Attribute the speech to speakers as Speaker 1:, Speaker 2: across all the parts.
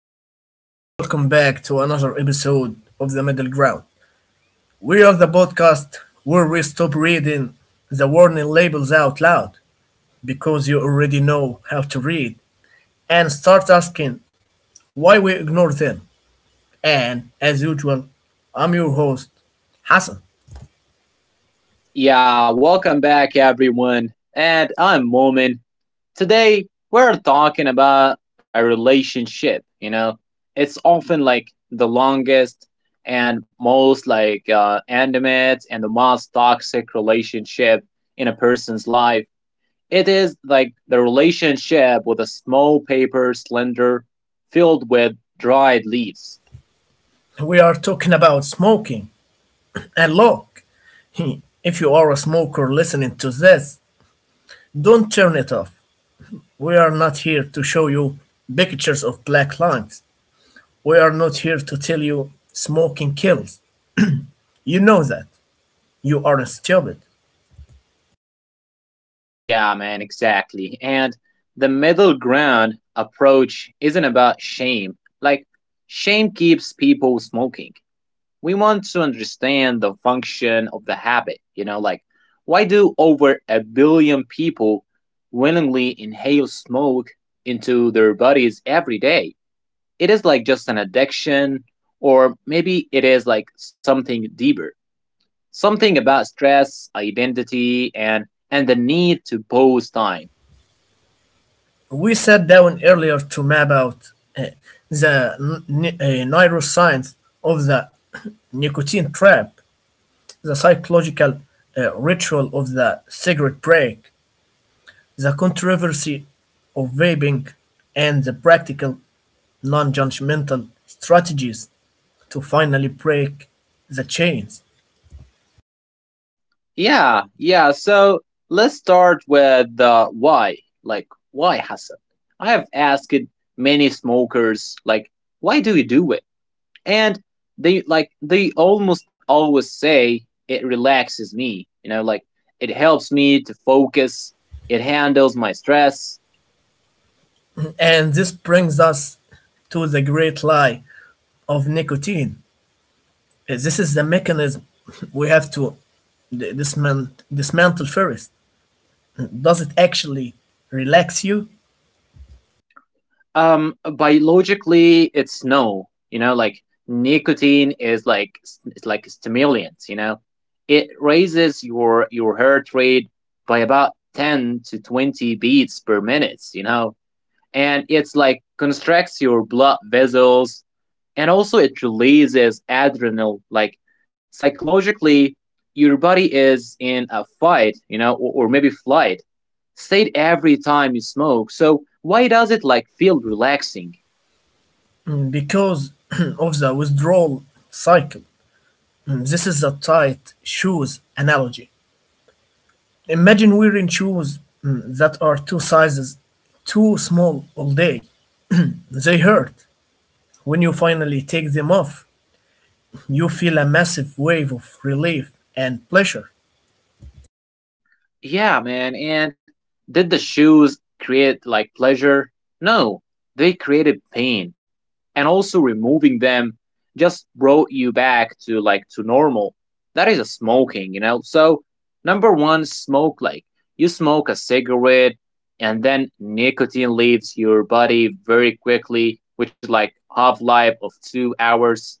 Speaker 1: everyone, and welcome back to another episode of The Middle Ground. We are the podcast where we stop reading the warning labels out loud because you already know how to read and start asking why we ignore them. And as usual, I'm your host, Hassan.
Speaker 2: Yeah, welcome back everyone. And I'm Momin. Today we're talking about a relationship. It's often like the longest and most like intimate and the most toxic relationship in a person's life. It is like the relationship with a small paper slender filled with dried leaves.
Speaker 1: We are talking about smoking. And look, if you are a smoker listening to this, don't turn it off. We are not here to show you pictures of black lungs. We are not here to tell you smoking kills. You know that. You aren't stupid.
Speaker 2: Yeah, man, exactly. And the middle ground approach isn't about shame. Like, shame keeps people smoking. We want to understand the function of the like, why do over a billion people willingly inhale smoke into their bodies every day? It is like just an addiction, or maybe it is like something deeper, something about stress, identity, and the need to pause time.
Speaker 1: We sat down earlier to map out the neuroscience of the nicotine trap, the psychological ritual of the cigarette break, the controversy of vaping, and the practical, non judgmental strategies to finally break the chains.
Speaker 2: Yeah, yeah. So let's start with the why. Like, why, Hassan? I have asked many smokers, like, why do you do it? And they almost always say it relaxes me. Like, it helps me to focus. It handles my stress.
Speaker 1: And this brings us to the great lie of nicotine. This is the mechanism we have to d- dismantle first. Does it actually relax you?
Speaker 2: Biologically, it's no. Like, nicotine is like it's like a stimulant. It raises your heart rate by about 10 to 20 beats per minute. And it's like constricts your blood vessels, and also it releases adrenaline. Like, psychologically, your body is in a fight. Or maybe flight state every time you smoke. So why does it like feel relaxing?
Speaker 1: Because of the withdrawal cycle. This is a tight shoes analogy. Imagine wearing shoes that are 2 sizes too small all day. They hurt when you finally take them off. You feel a massive wave of relief and pleasure,
Speaker 2: Yeah, man. And did the shoes create like pleasure? No, they created pain. And also removing them just brought you back to like to normal. That is a smoking, you know? So, number one, smoke like you smoke a cigarette and then nicotine leaves your body very quickly, which is like half life of 2 hours,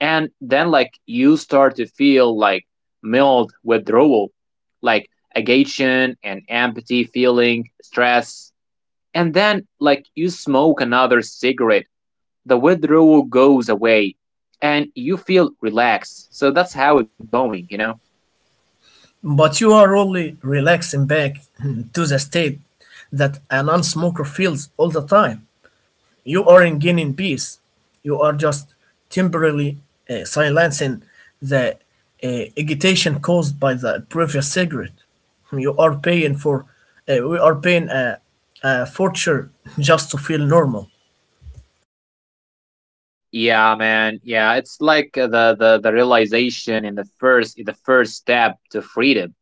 Speaker 2: and then like you start to feel like mild withdrawal, like agitation and empathy feeling stress, and then like you smoke another cigarette, the withdrawal goes away and you feel relaxed. So that's how it's going, you know.
Speaker 1: but you are only relaxing back to the state that a non smoker feels all the time. You aren't gaining peace, you are just temporarily silencing the agitation caused by the previous cigarette. You are paying for, we are paying a fortune just to feel normal.
Speaker 2: Yeah, man, yeah, it's like the realization in the first step to freedom.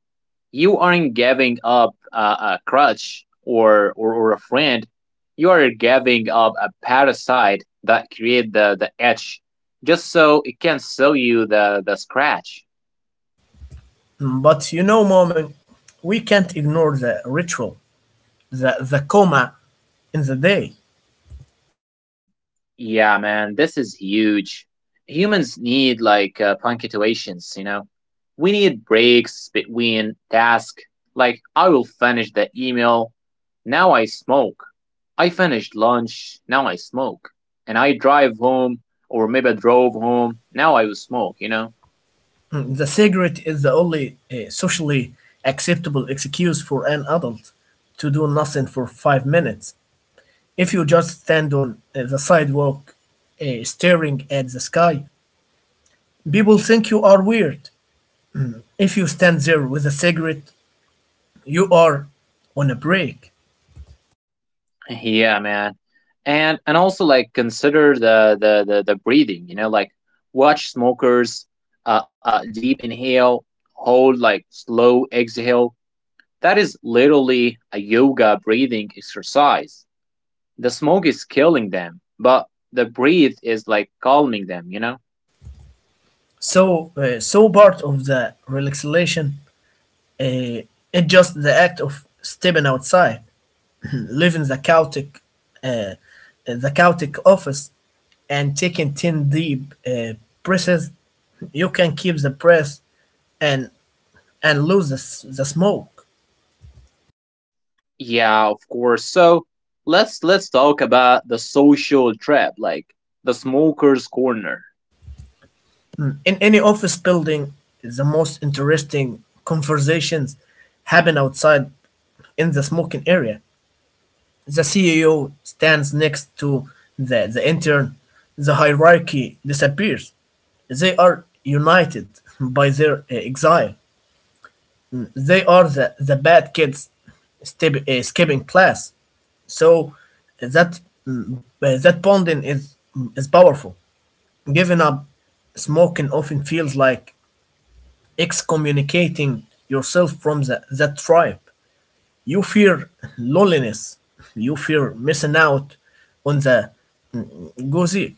Speaker 2: You aren't giving up a crutch, or a friend. You are giving up a parasite that create the itch just so it can sell you the scratch.
Speaker 1: But you know, moment, we can't ignore the ritual the coma in the day.
Speaker 2: Yeah, man, this is huge. Humans need like punctuations, you know? We need breaks between tasks. Like, I will finish the email. Now I smoke. I finished lunch. Now I smoke. And I drive home, or maybe I drove home. Now I will smoke, you know?
Speaker 1: The cigarette is the only socially acceptable excuse for an adult to do nothing for 5 minutes. If you just stand on the sidewalk staring at the sky, people think you are weird. If you stand there with a cigarette, you are on a break.
Speaker 2: Yeah, man. And also like consider the breathing, you know, like watch smokers deep inhale, hold, like slow exhale. That is literally a yoga breathing exercise. The smoke is killing them, but the breathe is like calming them, you know?
Speaker 1: So part of the relaxation, uh, it's just the act of stepping outside, leaving uh, the Celtic office and taking 10 deep breaths. You can keep the breath and lose the smoke.
Speaker 2: Yeah, of course. So let's talk about the social trap, like the smoker's corner.
Speaker 1: Mm. In any office building, the most interesting conversations happen outside in the smoking area. The CEO stands next to the intern. The hierarchy disappears. They are united by their exile. They are the bad kids skipping class. So that that bonding is is powerful. Giving up smoking often feels like excommunicating yourself from that tribe. You fear loneliness. You fear missing out on the gozi.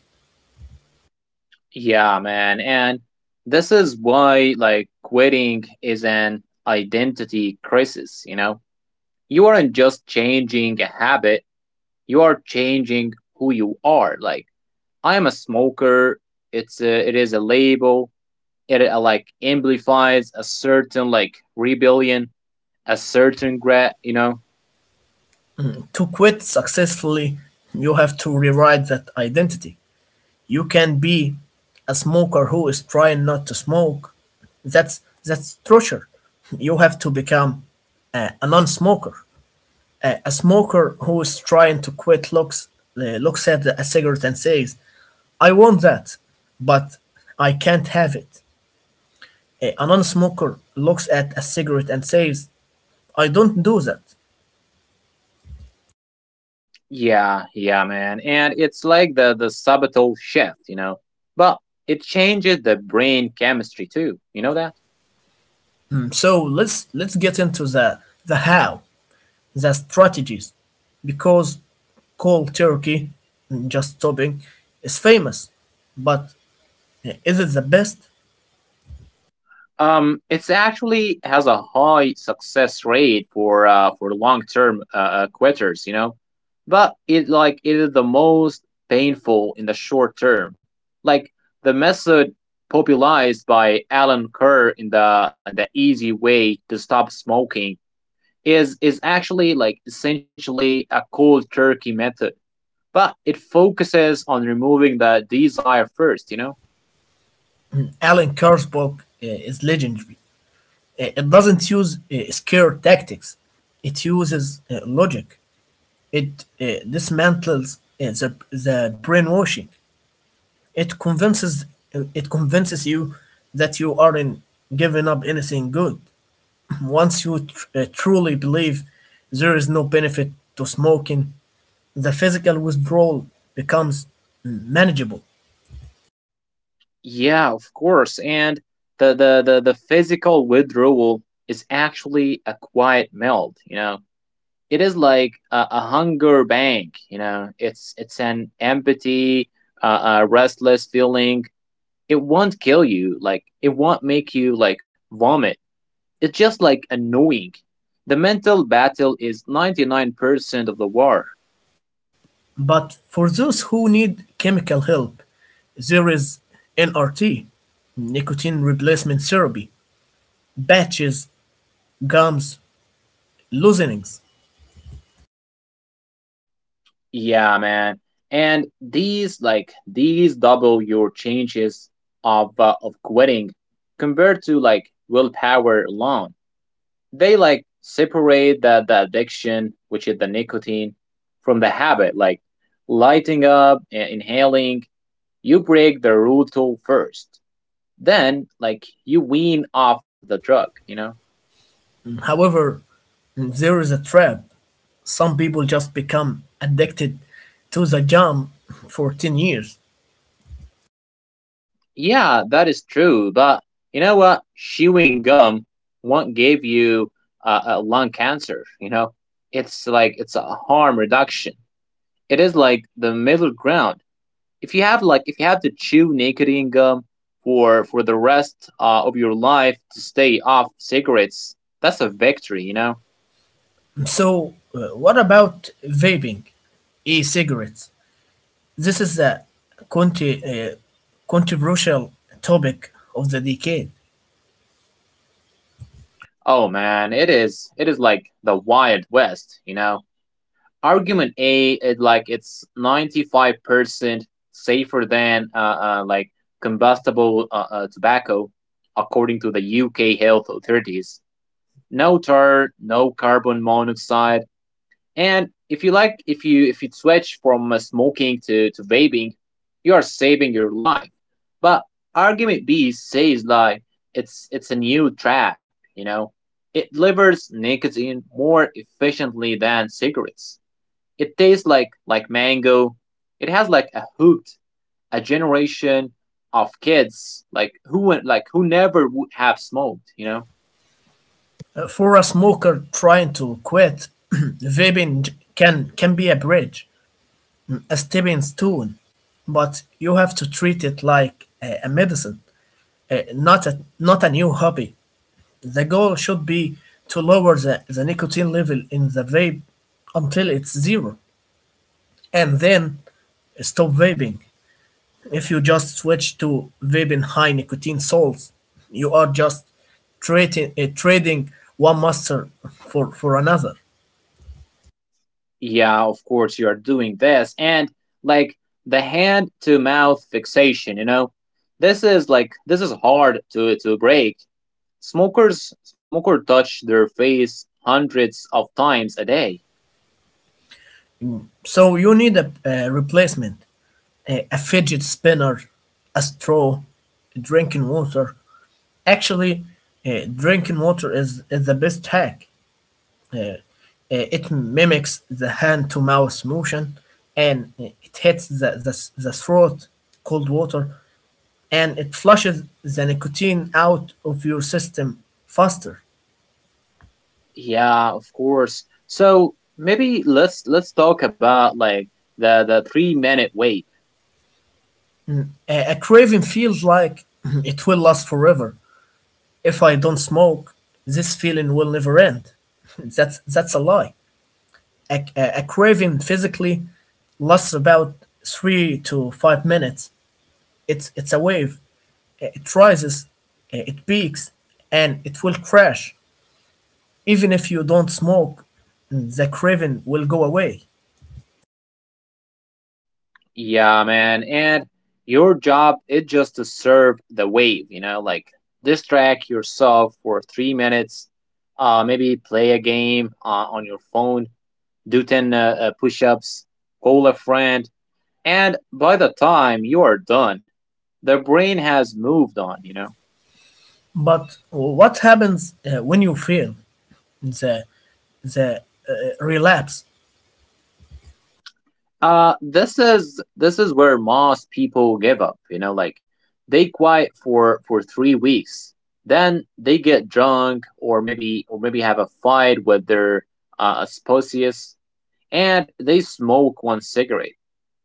Speaker 2: Yeah, man. And this is why like quitting is an identity crisis, you know? You aren't just changing a habit, you are changing who you are. Like, I am a smoker. It is a label. It like amplifies a certain like rebellion, a certain regret, you know.
Speaker 1: To quit successfully, you have to rewrite that identity. You can be a smoker who is trying not to smoke. That's torture. You have to become a non-smoker. A smoker who is trying to quit looks looks at a cigarette and says, "I want that, but I can't have it." A non-smoker looks at a cigarette and says, "I don't do that."
Speaker 2: Yeah, yeah, man. And it's like the subtle shift, you know. But it changes the brain chemistry too. You know that?
Speaker 1: So let's get into the how, the strategies, because cold turkey, just stopping, is famous. But is it the best?
Speaker 2: It's actually has a high success rate for long term quitters, you know, but it is the most painful in the short term. Like, the method popularized by Alan Kerr in the easy way to stop smoking is actually like essentially a cold turkey method, but it focuses on removing the desire first, you know.
Speaker 1: Alan Carr's book is legendary. It doesn't use scare tactics, it uses logic. It dismantles the brainwashing. It convinces, it convinces you that you aren't giving up anything good. Once you truly believe there is no benefit to smoking, the physical withdrawal becomes manageable.
Speaker 2: Yeah, of course. And the physical withdrawal is actually a quiet melt, you know. It is like a hunger bank, you know. It's an empty, restless feeling. It won't kill you, like it won't make you like vomit. It's just like annoying. The mental battle is 99% of the war.
Speaker 1: But for those who need chemical help, there is NRT, nicotine replacement therapy, patches, gums, loosenings.
Speaker 2: Yeah, man. And these double your chances of quitting compared to like willpower alone. They like separate the addiction, which is the nicotine, from the habit. Like lighting up, inhaling, you break the rule first. Then like you wean off the drug, you know?
Speaker 1: However, there is a trap. Some people just become addicted to the jam for 10 years.
Speaker 2: Yeah, that is true. But you know what? Chewing gum won't give you a lung cancer. You know, it's a harm reduction. It is like the middle ground. If you have to chew nicotine gum for the rest of your life to stay off cigarettes, that's a victory, you know.
Speaker 1: What about vaping, e cigarettes? This is the conti- uh, controversial topic of the decade.
Speaker 2: Oh man, it is like the Wild West, you know. Argument A, like it's 95% safer than uh like combustible tobacco, according to the UK health authorities. No tar, no carbon monoxide, and if you like, if you switch from smoking to vaping, you are saving your life. But argument B says like it's a new trap, you know. It delivers nicotine more efficiently than cigarettes. It tastes like mango. It has like a hooked a generation of kids who never would have smoked, you know?
Speaker 1: For a smoker trying to quit, can be a bridge, a stepping stone, but you have to treat it like a medicine, not a new hobby. The goal should be to lower the nicotine level in the vape until it's zero, and then stop vaping. If you just switch to vaping high nicotine salts, you are just trading one master for another.
Speaker 2: Yeah, of course you are doing this, and like the hand to mouth fixation, you know? This is hard to break. Smoker touch their face hundreds of times a day.
Speaker 1: So you need a replacement, a fidget spinner, a straw, drinking water. Actually, drinking water is the best hack. Uh, it mimics the hand to mouth motion and it hits the throat, cold water, and it flushes the nicotine out of your system faster.
Speaker 2: Yeah, of course. So maybe let's talk about like the 3-minute wave.
Speaker 1: A craving feels like it will last forever. "If I don't smoke, this feeling will never end." That's a lie. A craving physically lasts about 3 to 5 minutes. It's a wave. It rises, it peaks, and it will crash. Even if you don't smoke, the craving will go away.
Speaker 2: Yeah, man. And your job is just to serve the wave, you know, like distract yourself for 3 minutes, maybe play a game on your phone, do 10 push ups, call a friend. And by the time you are done, the brain has moved on, you know.
Speaker 1: But what happens when you fail, the the uh, relapse,
Speaker 2: This is where most people give up, you know. Like, they quiet for 3 weeks, then they get drunk, or maybe have a fight with their spouse, and they smoke one cigarette.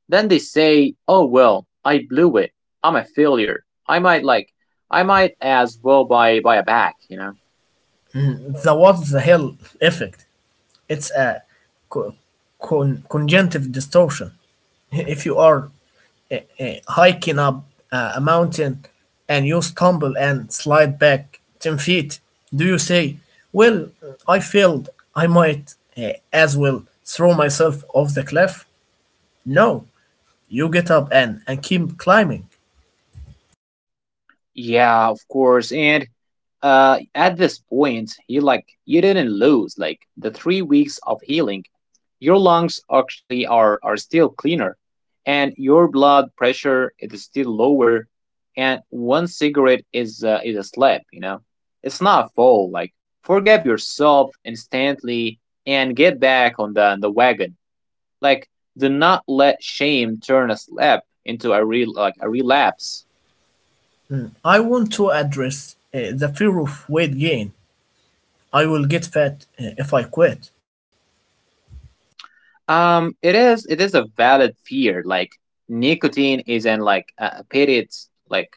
Speaker 2: Then they say, "Oh well, I blew it. I'm a failure. I might as well buy a bag," you know.
Speaker 1: the what the hell effect? It's a co- conjunctive distortion. If you are hiking up a mountain and you stumble and slide back 10 feet, do you say, "Well, I failed, I might as well throw myself off the cliff?" No, you get up and keep climbing.
Speaker 2: Yeah, of course. And at this point, you didn't lose like the 3 weeks of healing. Your lungs actually are still cleaner, and your blood pressure is still lower. And one cigarette is a slap, you know. It's not a fall. Like, forgive yourself instantly and get back on the wagon. Like, do not let shame turn a slap into a real like a relapse.
Speaker 1: I want to address the fear of weight gain. "I will get fat if I quit."
Speaker 2: It is a valid fear. Like, nicotine is in like period like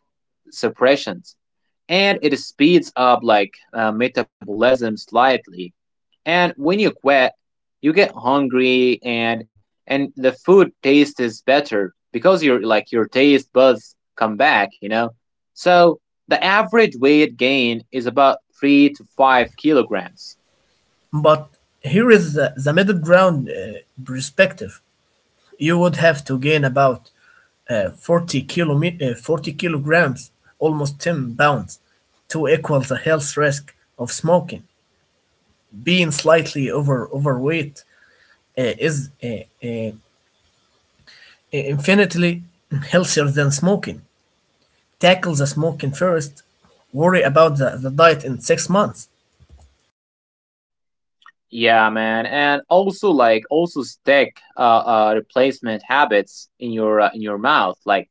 Speaker 2: suppressions, and it speeds up like metabolism slightly. And when you quit, you get hungry, and the food taste is better because your taste buds come back, you know. So the average weight gain is about 3 to 5 kilograms.
Speaker 1: But here is the middle ground perspective. You would have to gain about 40 kilograms, almost 10 pounds, to equal the health risk of smoking. Being slightly overweight is infinitely healthier than smoking. Tackle the smoking first, worry about the diet in 6 months.
Speaker 2: Yeah, man, and also like also stick replacement habits in your mouth, like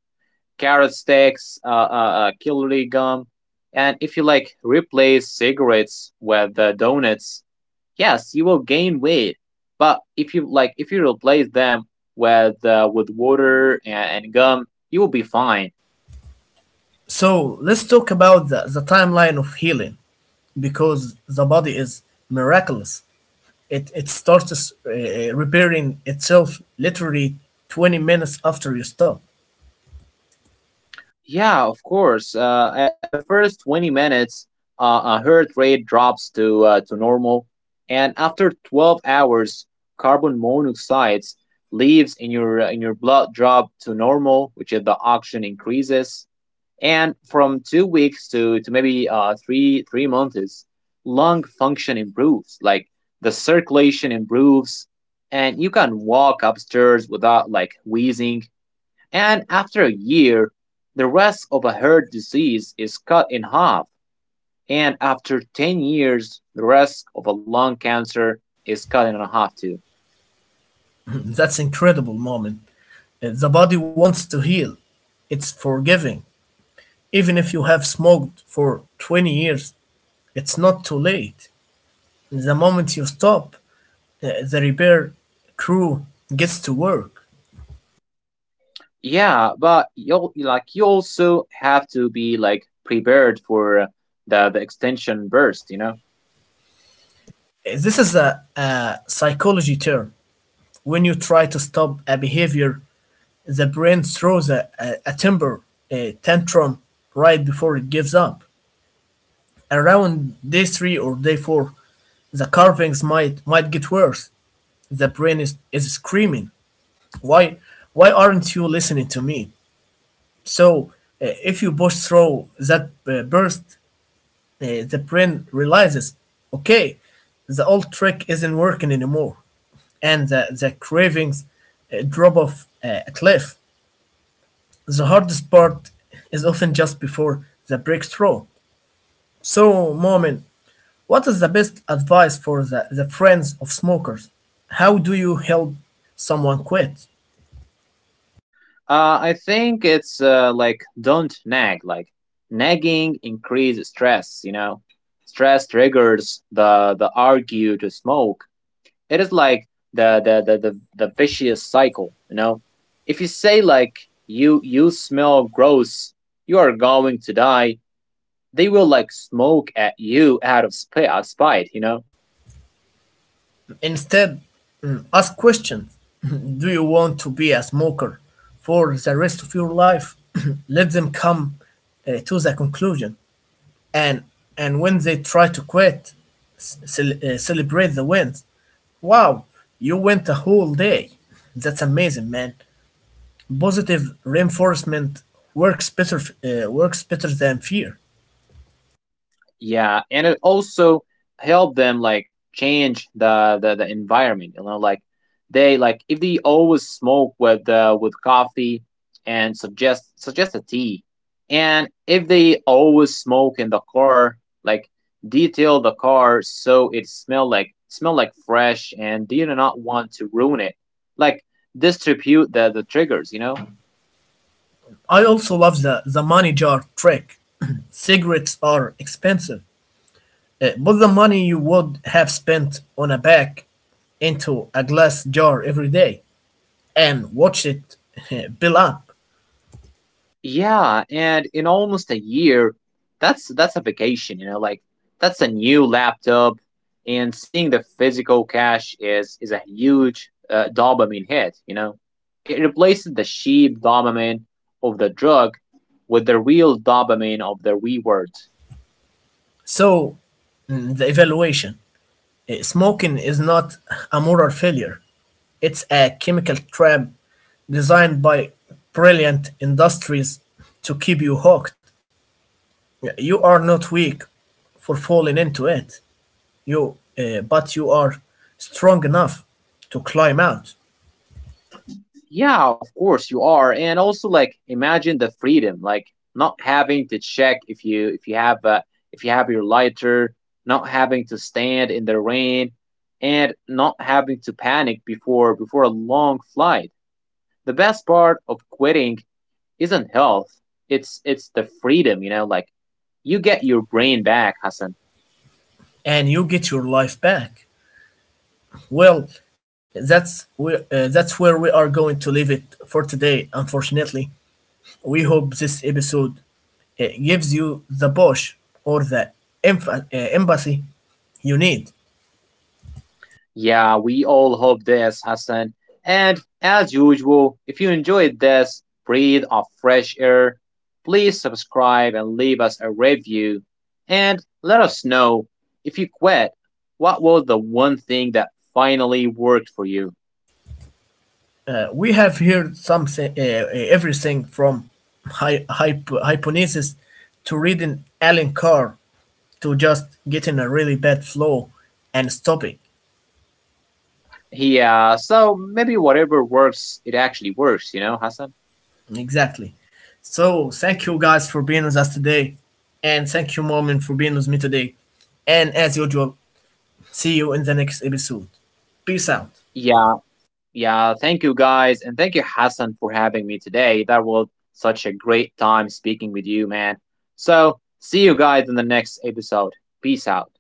Speaker 2: carrot sticks, celery gum, and if you like replace cigarettes with donuts, yes, you will gain weight. But if you replace them with water and gum, you will be fine.
Speaker 1: So let's talk about the timeline of healing, because the body is miraculous. It starts repairing itself literally 20 minutes after you stop.
Speaker 2: Yeah, of course. At the first 20 minutes, heart rate drops to normal, and after 12 hours, carbon monoxide leaves in your blood drop to normal, which is the oxygen increases. And from 2 weeks to maybe three months, lung function improves. Like, the circulation improves, and you can walk upstairs without like wheezing, and after a year, the rest of a heart disease is cut in half, and after 10 years, the rest of a lung cancer is cut in half too.
Speaker 1: That's incredible, moment. The body wants to heal. It's forgiving. Even if you have smoked for 20 years, it's not too late. The moment you stop, the repair crew gets to work.
Speaker 2: Yeah, but you also have to be like prepared for the extension burst, you know.
Speaker 1: This is a psychology term. When you try to stop a behavior, the brain throws a temper a tantrum right before it gives up. Around day three or day four, the carvings might get worse. The brain is screaming, "Why aren't you listening to me?" So if you push through that burst, the brain realizes, "Okay, the old trick isn't working anymore," and the cravings drop off a cliff. The hardest part is often just before the breakthrough. So, Momin, what is the best advice for the friends of smokers? How do you help someone quit?
Speaker 2: I think it's like don't nag. Like, nagging increases stress, you know. Stress triggers the urge to smoke. It is like the vicious cycle. You know, if you say like you smell gross, you are going to die, they will like smoke at you out of spite, you know.
Speaker 1: Instead, ask questions. Do you want to be a smoker for the rest of your life? Let them come to the conclusion. And when they try to quit, celebrate the wins. "Wow, you went a whole day. That's amazing, man." Positive reinforcement works better than fear.
Speaker 2: Yeah, and it also helped them like change the environment. You know, like they like if they always smoke with coffee, and suggest a tea, and if they always smoke in the car, like detail the car so it smell like fresh, and they do not want to ruin it. Like, distribute the triggers, you know.
Speaker 1: I also love the money jar trick. Cigarettes are expensive. Put the money you would have spent on a bag into a glass jar every day and watch it build up.
Speaker 2: Yeah, and in almost a year, that's a vacation, you know, like that's a new laptop, and seeing the physical cash is a huge dopamine hit, you know. It replaces the cheap dopamine of the drug with the real dopamine of the reward.
Speaker 1: So, the evaluation. Smoking is not a moral failure. It's a chemical trap designed by brilliant industries to keep you hooked. Yeah, you are not weak for falling into it. But you are strong enough to climb out,
Speaker 2: Yeah, of course you are. And also like imagine the freedom, like not having to check if you have your lighter, not having to stand in the rain, and not having to panic before a long flight. The best part of quitting isn't health. It's the freedom, you know, like you get your brain back, Hassan.
Speaker 1: and you get your life back. Well, that's where we are going to leave it for today. Unfortunately, we hope this episode gives you the push or the empathy you need.
Speaker 2: Yeah, we all hope this, Hassan. And as usual, if you enjoyed this breathe of fresh air, please subscribe and leave us a review. And let us know if you quit, what was the one thing that finally worked for you?
Speaker 1: We have heard everything from hypnosis to reading Alan Carr to just get in a really bad flow and stop it.
Speaker 2: Yeah, so maybe whatever works, it actually works, you know, Hassan?
Speaker 1: Exactly. So thank you guys for being with us today. And thank you, Mormon, for being with me today. And as usual, see you in the next episode. Peace out.
Speaker 2: Yeah. Yeah, thank you guys, and thank you, Hassan, for having me today. That was such a great time speaking with you, man. So, see you guys in the next episode. Peace out.